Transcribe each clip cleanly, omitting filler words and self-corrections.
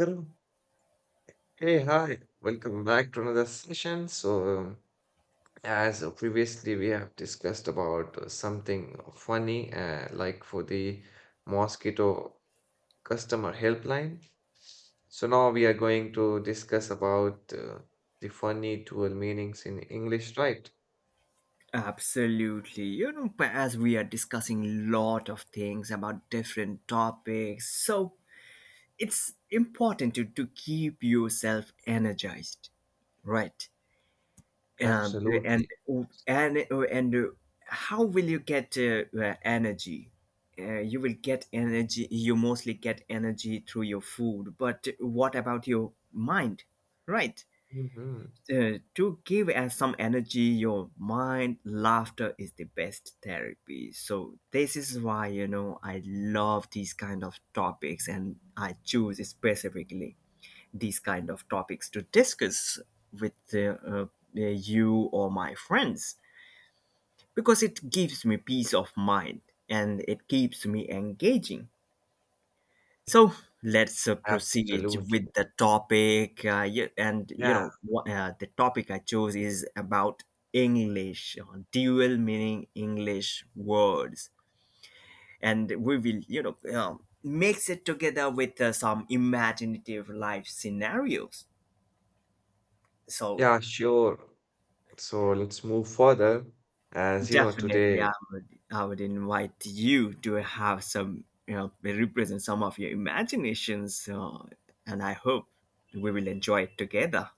Hello. Hey, hi. Welcome back to another session. As previously we have discussed about something funny, like for the mosquito customer helpline. So now we are going to discuss about the funny dual meanings in English, right? Absolutely. You know, but as we are discussing lot of things about different topics, so it's important to keep yourself energized, right? Um, and Absolutely. And How will you get energy? You will get energy. You mostly get energy through your food, but what about your mind, right? Hmm. To give us some energy your mind laughter is the best therapy, so this is why I love these kind of topics, and I choose specifically these kind of topics to discuss with you or my friends, because it gives me peace of mind and it keeps me engaging. So let's proceed with Absolutely. the topic. Yeah, and Yeah. What, the topic I chose is about English, dual meaning English words, and we will, mix it together with some imaginative life scenarios. So Yeah, sure. So let's move further. As you know, definitely, today I would invite you to have some, you know, represent some of your imaginations, and I hope we will enjoy it together.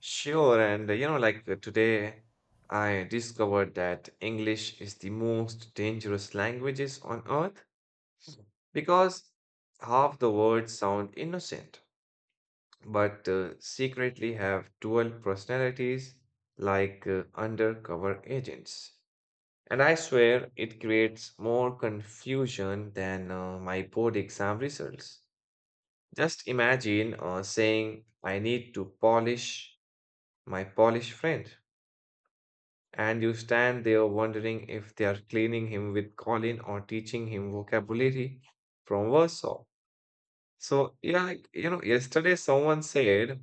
sure, and like today I discovered that English is the most dangerous languages on earth because half the words sound innocent, but secretly have dual personalities like undercover agents. And I swear it creates more confusion than my board exam results. Just imagine saying, I need to polish my Polish friend, and you stand there wondering if they are cleaning him with Colin or teaching him vocabulary from Warsaw. So, yesterday someone said,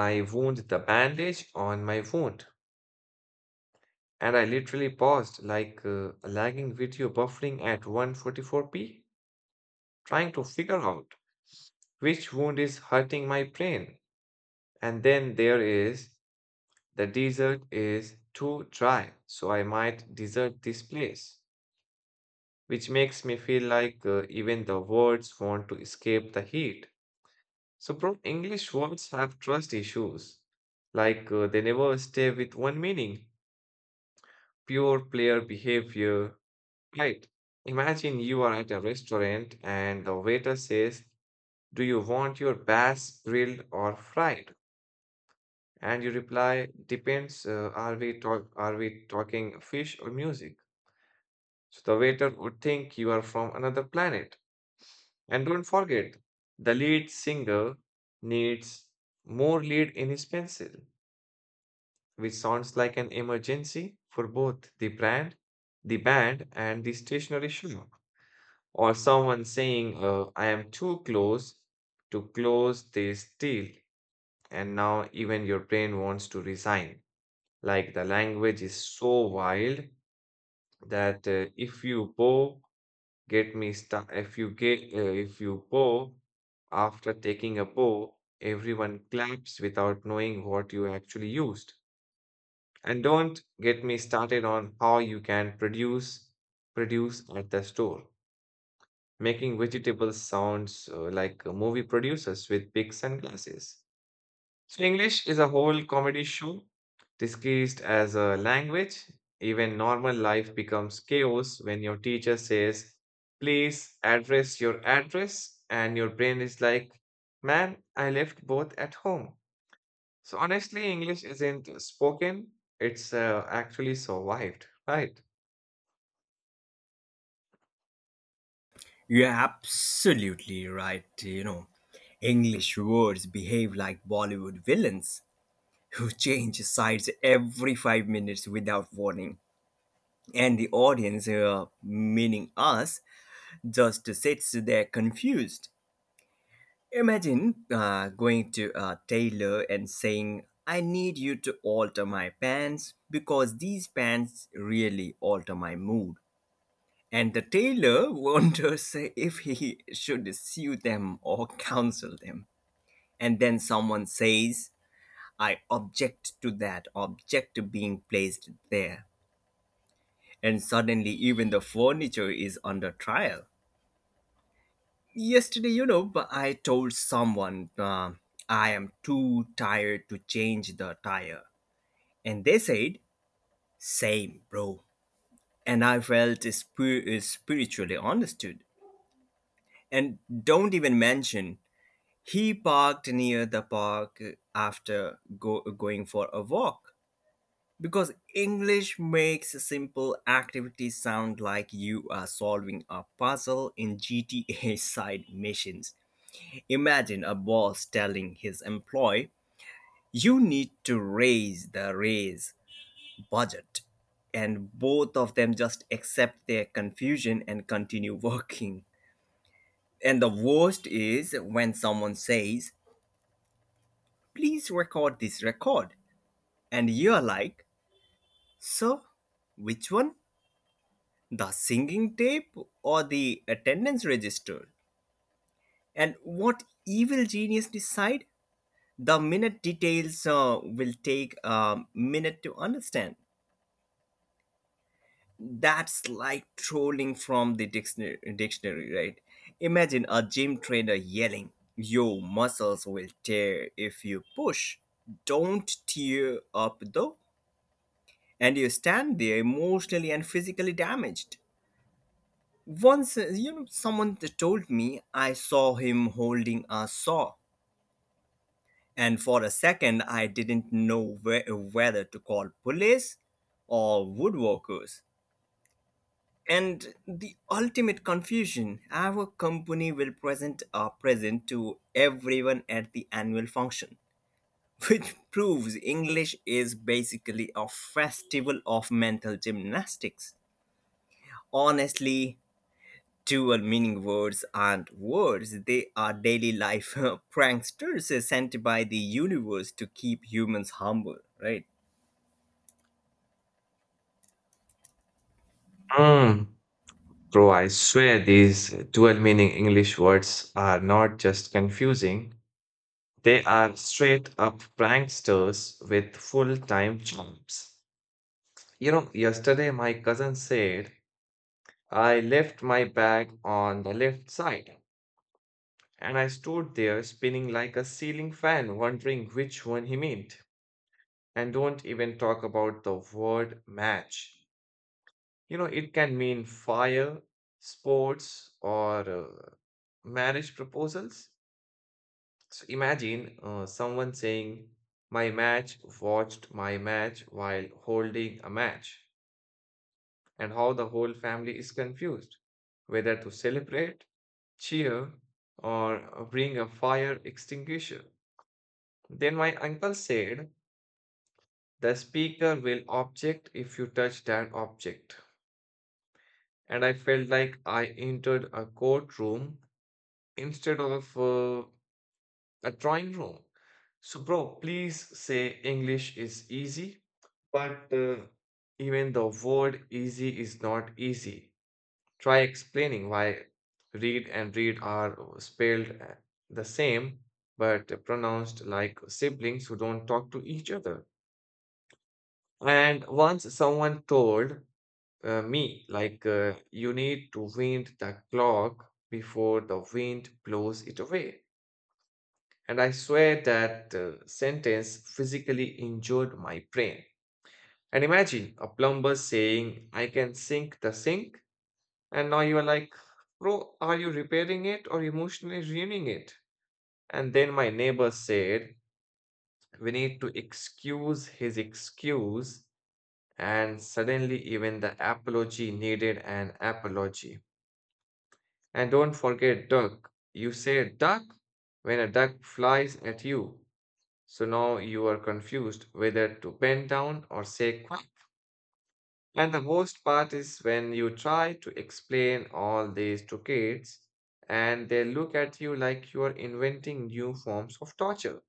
I wound the bandage on my wound. And I literally paused, like a lagging video buffering at 144p, trying to figure out which wound is hurting my brain. And then there is the desert is too dry, so I might desert this place, which makes me feel like even the words want to escape the heat. So, bro, English words have trust issues. Like they never stay with one meaning, pure player behavior, right? Imagine you are at a restaurant and the waiter says, do you want your bass grilled or fried? And you reply, depends, are we talking fish or music? So the waiter would think you are from another planet. And don't forget, the lead singer needs more lead in his pencil, which sounds like an emergency for both the brand, the band, and the stationery shop. Or someone saying, I am too close to close this deal. And now even your brain wants to resign. Like the language is so wild that if you bow Get me sta If you bow, after taking a bow, everyone claps without knowing what you actually used. And don't get me started on how you can produce at the store, making vegetables sounds like movie producers with big sunglasses. So, English is a whole comedy show disguised as a language. Even normal life becomes chaos when your teacher says, please address your address, and your brain is like, man, I left both at home. So, honestly, English isn't spoken, it's actually survived, right? You're absolutely right. You know, English words behave like Bollywood villains who change sides every 5 minutes without warning. And the audience, meaning us, just sits there confused. Imagine going to a tailor and saying, I need you to alter my pants because these pants really alter my mood. And the tailor wonders if he should sue them or counsel them. And then someone says, I object to that, object to being placed there. And suddenly, even the furniture is under trial. Yesterday, but I told someone I am too tired to change the tire. And they said, same, bro. And I felt spiritually understood. And don't even mention he parked near the park after going for a walk, because English makes simple activities sound like you are solving a puzzle in GTA side missions. Imagine a boss telling his employee, you need to raise the raise budget. And both of them just accept their confusion and continue working. And the worst is when someone says, please record this record. And you're like, so which one? The singing tape or the attendance register? And what evil genius decide? The minute details will take a minute to understand. That's like trolling from the dictionary, right? Imagine a gym trainer yelling, your muscles will tear if you push. Don't tear up though. And you stand there emotionally and physically damaged. Once, someone told me I saw him holding a saw, and for a second I didn't know where, whether to call police or woodworkers. And the ultimate confusion, our company will present a present to everyone at the annual function, which proves English is basically a festival of mental gymnastics. Honestly, dual meaning words aren't words, they are daily life pranksters sent by the universe to keep humans humble, right? Mm, bro, I swear these dual meaning English words are not just confusing. They are straight up pranksters with full time jobs. You know, yesterday my cousin said, I left my bag on the left side, and I stood there spinning like a ceiling fan, wondering which one he meant. And don't even talk about the word match. You know, it can mean fire, sports, or marriage proposals. So imagine someone saying, my match watched my match while holding a match, and how the whole family is confused whether to celebrate, cheer, or bring a fire extinguisher. Then my uncle said, the speaker will object if you touch that object. And I felt like I entered a courtroom instead of a drawing room. So, bro, please say English is easy, but even the word easy is not easy. Try explaining why read and read are spelled the same but pronounced like siblings who don't talk to each other. And once someone told me, you need to wind the clock before the wind blows it away. And I swear that sentence physically injured my brain. And imagine a plumber saying, I can sink the sink. And now you are like, bro, are you repairing it or emotionally ruining it? And then my neighbor said, we need to excuse his excuse. And suddenly, even the apology needed an apology. And don't forget duck. You say duck when a duck flies at you. So now you are confused whether to bend down or say quiet. And the worst part is when you try to explain all this to kids and they look at you like you are inventing new forms of torture.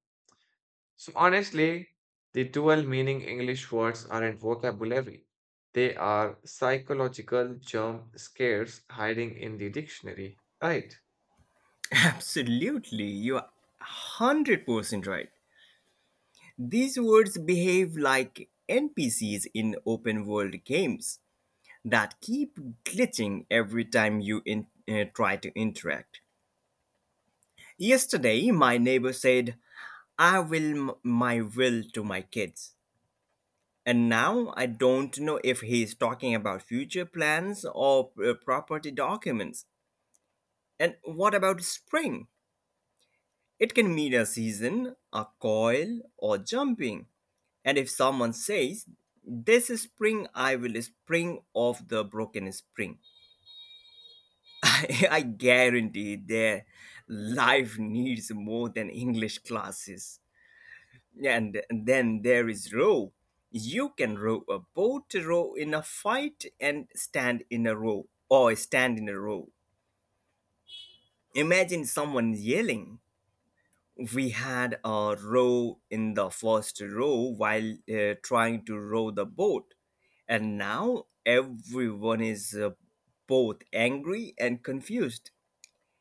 So honestly, the dual meaning English words aren't vocabulary. They are psychological jump scares hiding in the dictionary, right? Absolutely, you are 100% right. These words behave like NPCs in open world games that keep glitching every time you try to interact. Yesterday, my neighbor said, I will my will to my kids. And now I don't know if he's talking about future plans or property documents. And what about spring? It can mean a season, a coil, or jumping. And if someone says, this spring I will spring off the broken spring, I guarantee their life needs more than English classes. And then there is row. You can row a boat, row in a fight, and stand in a row or stand in a row. Imagine someone yelling. We had a row in the first row while trying to row the boat. And now everyone is both angry and confused.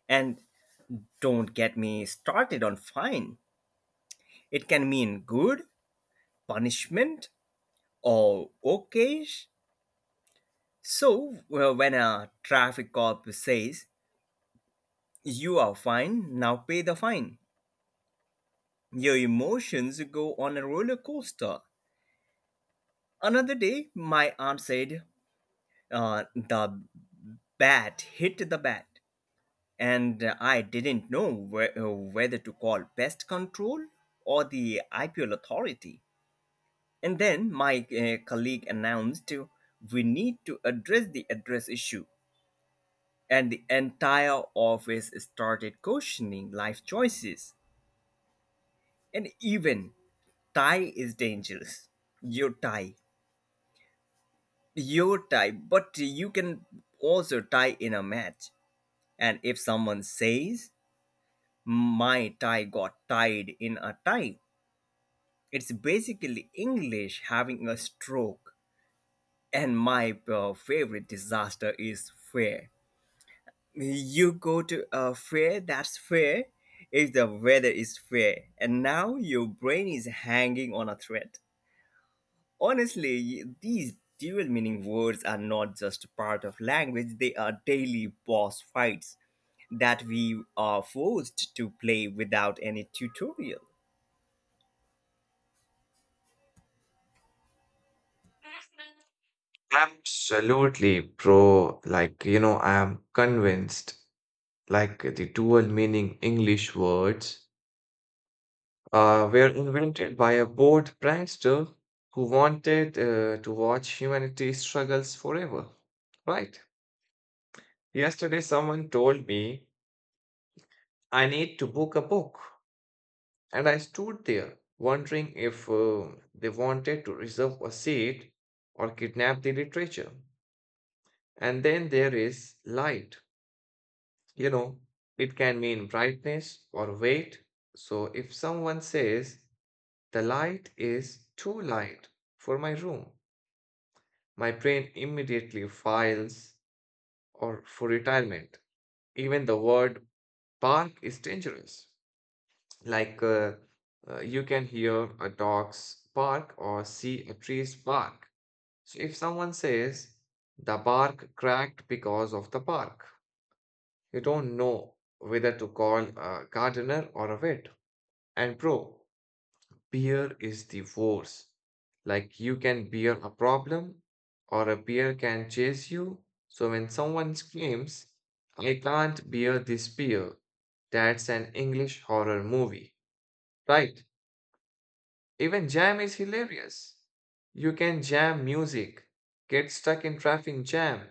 And don't get me started on fine. It can mean good, punishment, or okay. So, when a traffic cop says, you are fine, now pay the fine, your emotions go on a roller coaster. Another day, my aunt said, the bat hit the bat, and I didn't know whether to call pest control or the IPL authority. And then my colleague announced, we need to address the address issue. And the entire office started questioning life choices. And even tie is dangerous. Your tie, your tie, but you can also tie in a match. And if someone says, my tie got tied in a tie, it's basically English having a stroke. And my favorite disaster is fair. You go to a fair, that's fair if the weather is fair, and now your brain is hanging on a thread. Honestly, these dual meaning words are not just part of language, they are daily boss fights that we are forced to play without any tutorial. Absolutely, bro. Like, you know, I am convinced, like the dual meaning English words were invented by a bored prankster who wanted to watch humanity struggles forever. Right. Yesterday, someone told me I need to book a book, and I stood there wondering if they wanted to reserve a seat or kidnap the literature. And then there is light. You know, it can mean brightness or weight. So if someone says, the light is too light for my room, my brain immediately files or for retirement. Even the word bark is dangerous. Like uh, you can hear a dog's bark or see a tree's bark. So if someone says the bark cracked because of the bark, you don't know whether to call a gardener or a vet. And bro, beer is the force. Like you can beer a problem or a beer can chase you. So when someone screams, I can't beer this beer, that's an English horror movie, right? Even jam is hilarious. You can jam music, get stuck in traffic jam,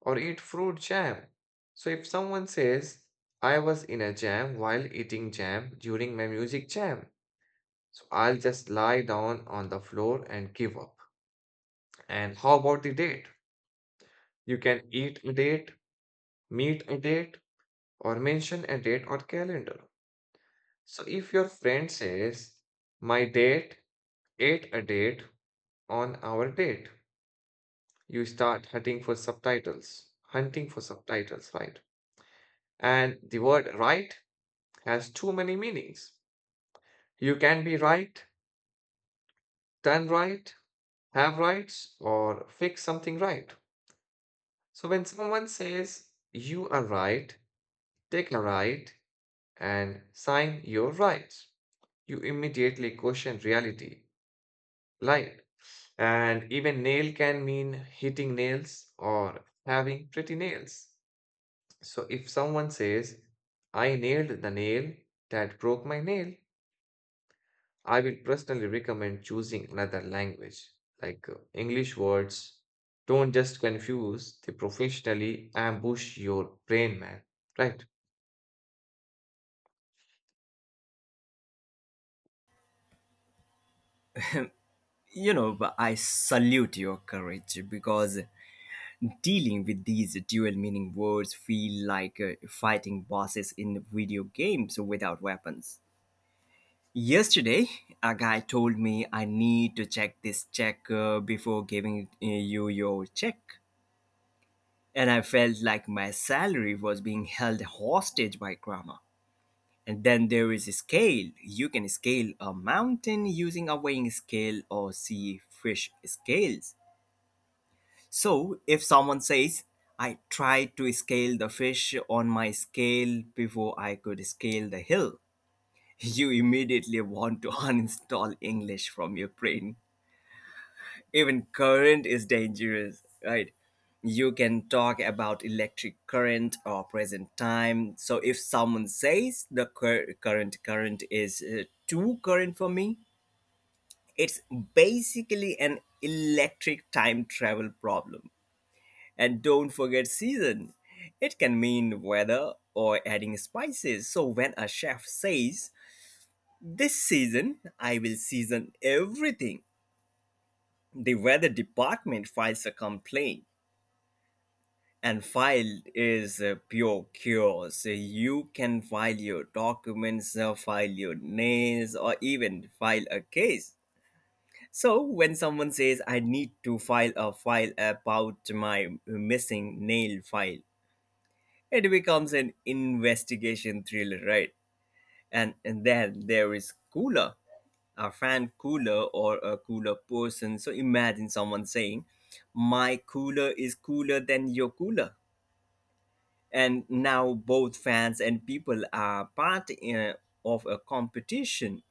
or eat fruit jam. So if someone says, I was in a jam while eating jam during my music jam, so I'll just lie down on the floor and give up. And how about the date? You can eat a date, meet a date, or mention a date or calendar. So if your friend says, my date ate a date on our date, you start hunting for subtitles. Hunting for subtitles, right? And the word right has too many meanings. You can be right, done right, have rights, or fix something right. So when someone says, you are right, take a right, and sign your rights, you immediately question reality, right? And even nail can mean hitting nails or having pretty nails. So if someone says, I nailed the nail that broke my nail, I will personally recommend choosing another language, like English words. Don't just confuse, they professionally ambush your brain, man, right? You know, but I salute your courage, because dealing with these dual meaning words feel like fighting bosses in video games without weapons. Yesterday, a guy told me I need to check this check before giving you your check. And I felt like my salary was being held hostage by grammar. And then there is a scale. You can scale a mountain using a weighing scale or sea fish scales. So if someone says, I tried to scale the fish on my scale before I could scale the hill, you immediately want to uninstall English from your brain. Even current is dangerous, right? You can talk about electric current or present time. So if someone says the current current is too current for me, it's basically an electric time travel problem. And don't forget season. It can mean weather or adding spices. So when a chef says, this season I will season everything, the weather department files a complaint. And file is pure chaos. You can file your documents, file your nails, or even file a case. So when someone says, "I need to file a file about my missing nail file," it becomes an investigation thriller, right? And then there is cooler, a fan cooler or a cooler person. So imagine someone saying, "My cooler is cooler than your cooler." And now both fans and people are part of a competition.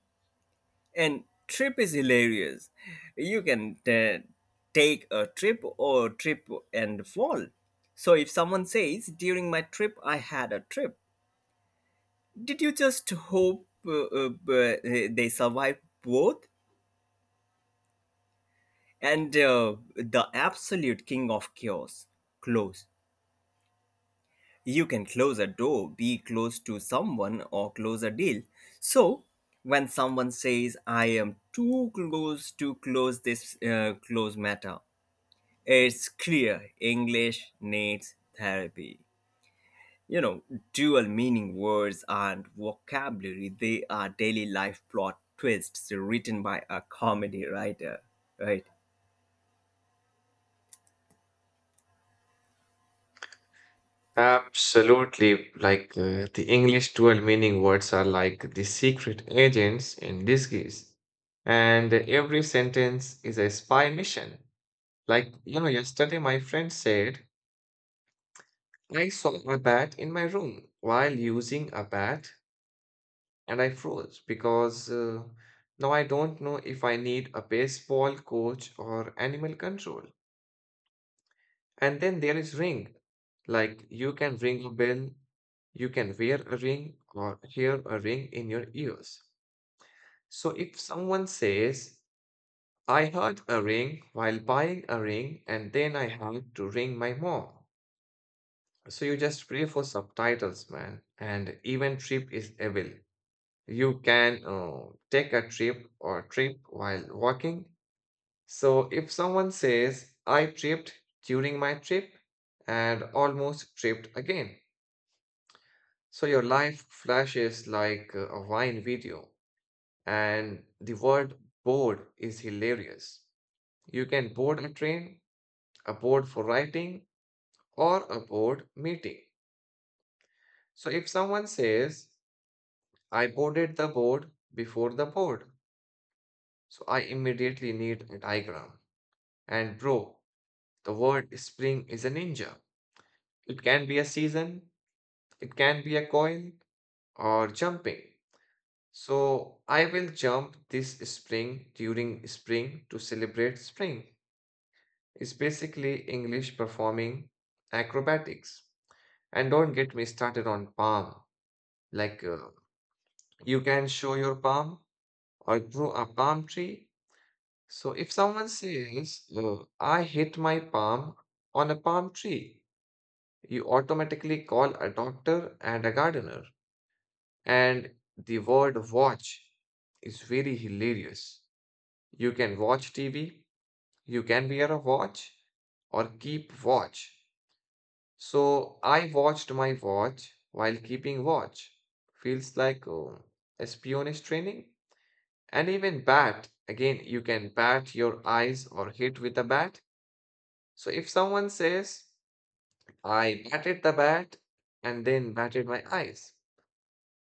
And trip is hilarious. You can take a trip or trip and fall. So if someone says, during my trip I had a trip, did you just hope they survived both? And the absolute king of chaos, close. You can close a door, be close to someone, or close a deal. So, when someone says, I am too close to close this close matter, it's clear English needs therapy. You know, dual meaning words and vocabulary, they are daily life plot twists written by a comedy writer, right? Absolutely. Like the English dual meaning words are like the secret agents in disguise. And every sentence is a spy mission. Like, you know, yesterday my friend said, I saw a bat in my room while using a bat, and I froze because now I don't know if I need a baseball coach or animal control. And then there is ring. Like you can ring a bell, you can wear a ring or hear a ring in your ears. So if someone says, I heard a ring while buying a ring and then I had to ring my mom. So you just pray for subtitles, man. And even trip is evil. You can take a trip or trip while walking. So if someone says, I tripped during my trip and almost tripped again. So your life flashes like a Vine video, and the word bored is hilarious. You can board a train, a board for writing, or a board meeting. So if someone says, I boarded the board before the board, so I immediately need a diagram. And bro, the word spring is a ninja. It can be a season, it can be a coil, or jumping. So I will jump this spring during spring to celebrate spring. It's basically English performing acrobatics. And don't get me started on palm. Like you can show your palm or grow a palm tree. So if someone says, I hit my palm on a palm tree, you automatically call a doctor and a gardener. And the word watch is very hilarious. You can watch TV, you can wear a watch or keep watch. So I watched my watch while keeping watch. Feels like espionage training. And even bat, again, you can bat your eyes or hit with a bat. So if someone says, I batted the bat and then batted my eyes.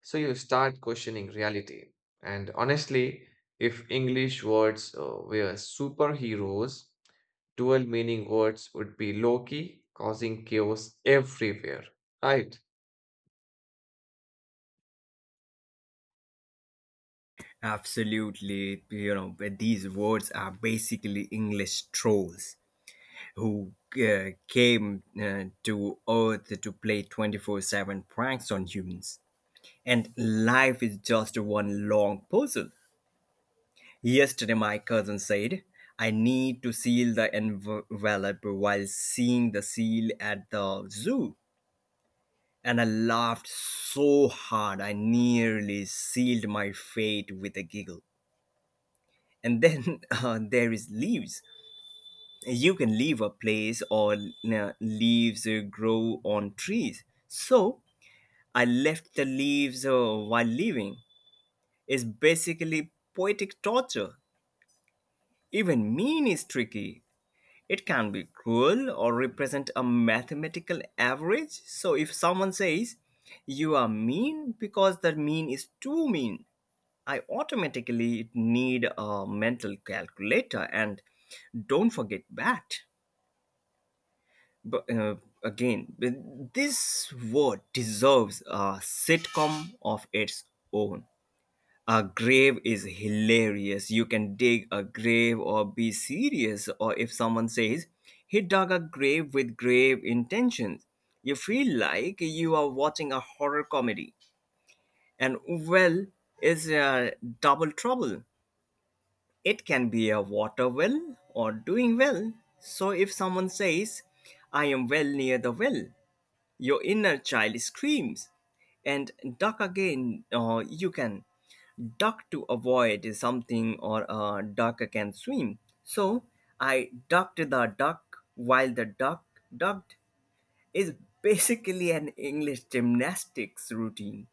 So you start questioning reality. And honestly, if English words were superheroes, dual meaning words would be low key, causing chaos everywhere, right? Absolutely, you know, but these words are basically English trolls who came to Earth to play 24/7 pranks on humans. And life is just one long puzzle. Yesterday, my cousin said, I need to seal the envelope while seeing the seal at the zoo. And I laughed so hard, I nearly sealed my fate with a giggle. And then there is leaves. You can leave a place or leaves grow on trees. So I left the leaves while leaving is basically poetic torture. Even mean is tricky. It can be cruel or represent a mathematical average. So if someone says, you are mean because the mean is too mean, I automatically need a mental calculator. And don't forget that. But again, this word deserves a sitcom of its own. A grave is hilarious. You can dig a grave or be serious, or if someone says, he dug a grave with grave intentions, you feel like you are watching a horror comedy. And well is a double trouble. It can be a water well or doing well. So if someone says, I am well near the well, your inner child screams. And duck again. You can duck to avoid something, or a duck can swim. So I ducked the duck while the duck ducked is basically an English gymnastics routine.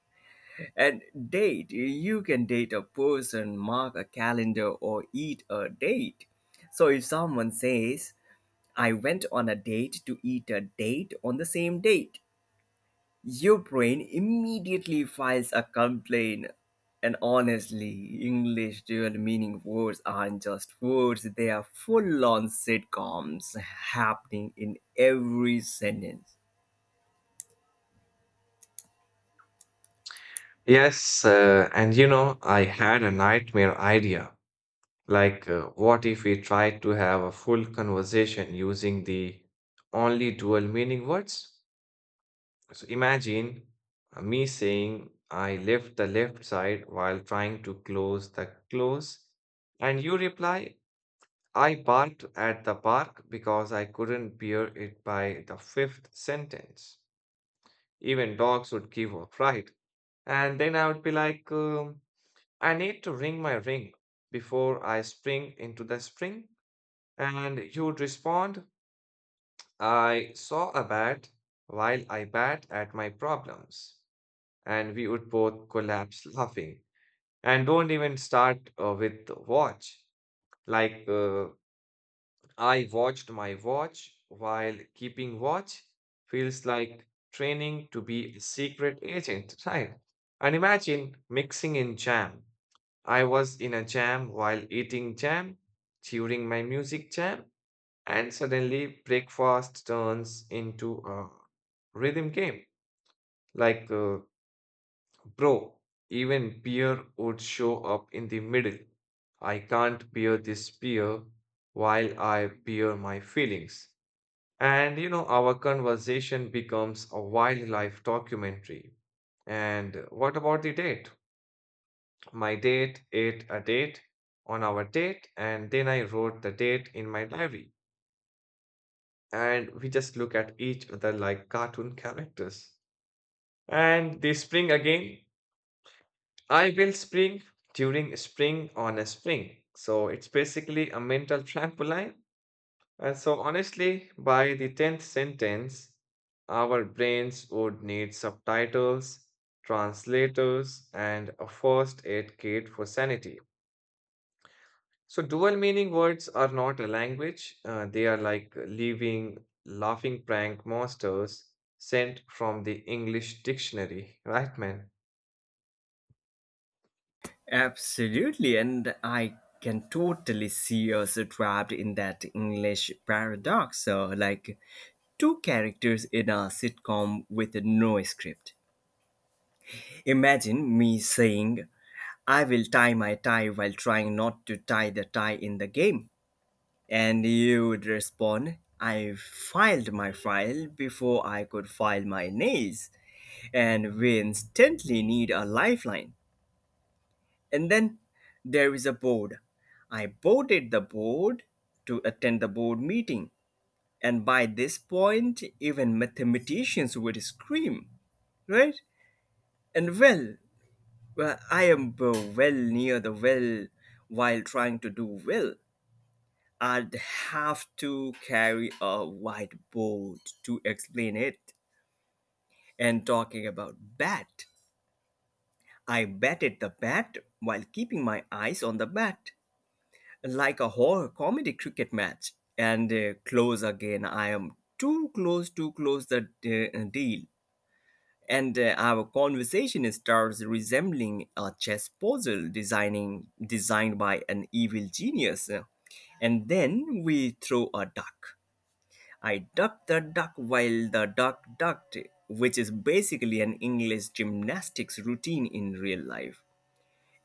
And date, you can date a person, mark a calendar, or eat a date. So if someone says, I went on a date to eat a date on the same date, your brain immediately files a complaint. And honestly, English dual meaning words aren't just words, they are full on sitcoms happening in every sentence. Yes, and you know, I had a nightmare idea. Like, what if we tried to have a full conversation using the only dual meaning words? So imagine me saying, I left the left side while trying to close the close, and you reply, I barked at the park because I couldn't bear it by the fifth sentence. Even dogs would give up, right? And then I would be like, I need to ring my ring before I spring into the spring. And you would respond, I saw a bat while I bat at my problems. And we would both collapse laughing. And don't even start with the watch. Like, I watched my watch while keeping watch feels like training to be a secret agent, right? And imagine mixing in jam. I was in a jam while eating jam, during my music jam, and suddenly breakfast turns into a rhythm game. Like, bro, even beer would show up in the middle. I can't bear this beer while I bear my feelings. And you know, our conversation becomes a wildlife documentary. And what about the date? My date ate a date on our date, and then I wrote the date in my diary. And we just look at each other like cartoon characters. And the spring again, I will spring during spring on a spring. So it's basically a mental trampoline. And so, honestly, by the 10th sentence, our brains would need subtitles, translators, and a first aid kit for sanity. So, dual meaning words are not a language, they are like living, laughing prank monsters sent from the English dictionary, right, man? Absolutely, and I can totally see us trapped in that English paradox. So, like two characters in a sitcom with no script. Imagine me saying, I will tie my tie while trying not to tie the tie in the game. And you would respond, I filed my file before I could file my nails. And we instantly need a lifeline. And then there is a board. I boarded the board to attend the board meeting. And by this point, even mathematicians would scream, right? And well, well, I am well near the well while trying to do well. I'd have to carry a whiteboard to explain it. And talking about bat, I batted the bat while keeping my eyes on the bat, like a horror comedy cricket match. And close again, I am too close to close the deal. And our conversation starts resembling a chess puzzle designing designed by an evil genius. And then we throw a duck. I ducked the duck while the duck ducked, which is basically an English gymnastics routine in real life.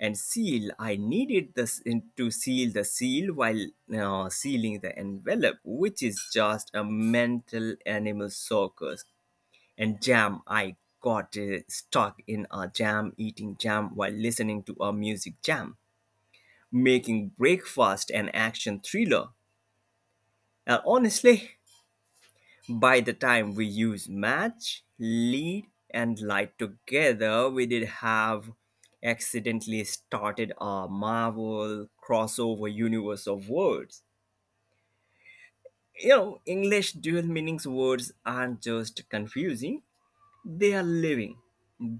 And seal, I needed this to seal the seal while sealing the envelope, which is just a mental animal circus. And jam, I got stuck in a jam eating jam while listening to a music jam, making breakfast an action thriller. And honestly, by the time we use match, lead and light together, we did have accidentally started a Marvel crossover universe of words. You know, English dual meanings words aren't just confusing. They are living,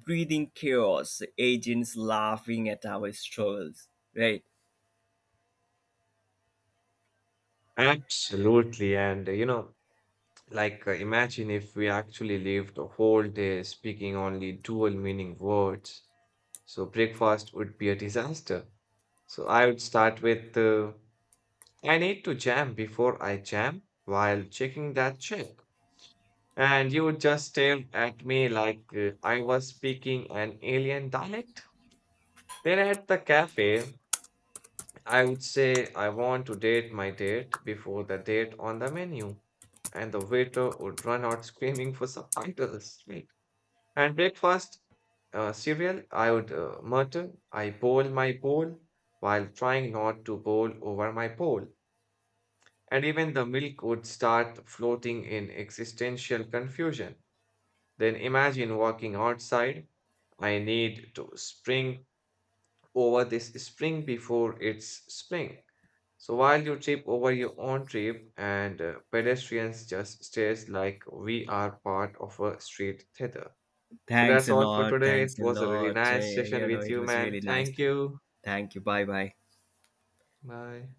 breathing chaos, agents laughing at our struggles. Right. Absolutely. And, you know, Like, Imagine if we actually lived a whole day speaking only dual meaning words. So, breakfast would be a disaster. So, I would start with I need to jam before I jam while checking that check. And you would just stare at me like I was speaking an alien dialect. Then at the cafe, I would say I want to date my date before the date on the menu. And the waiter would run out screaming for subtitles. And breakfast, cereal, I would mutter, I bowl my bowl while trying not to bowl over my bowl. And even the milk would start floating in existential confusion. Then imagine walking outside. I need to spring over this spring before it's spring. So while you trip over your own trip and pedestrians just stares like we are part of a street theater. So Thanks that's a all for lot. today. Thanks It a was a really lot. Nice session You know, with it you, was man. really nice. Thank you. Thank you. Bye bye. Bye.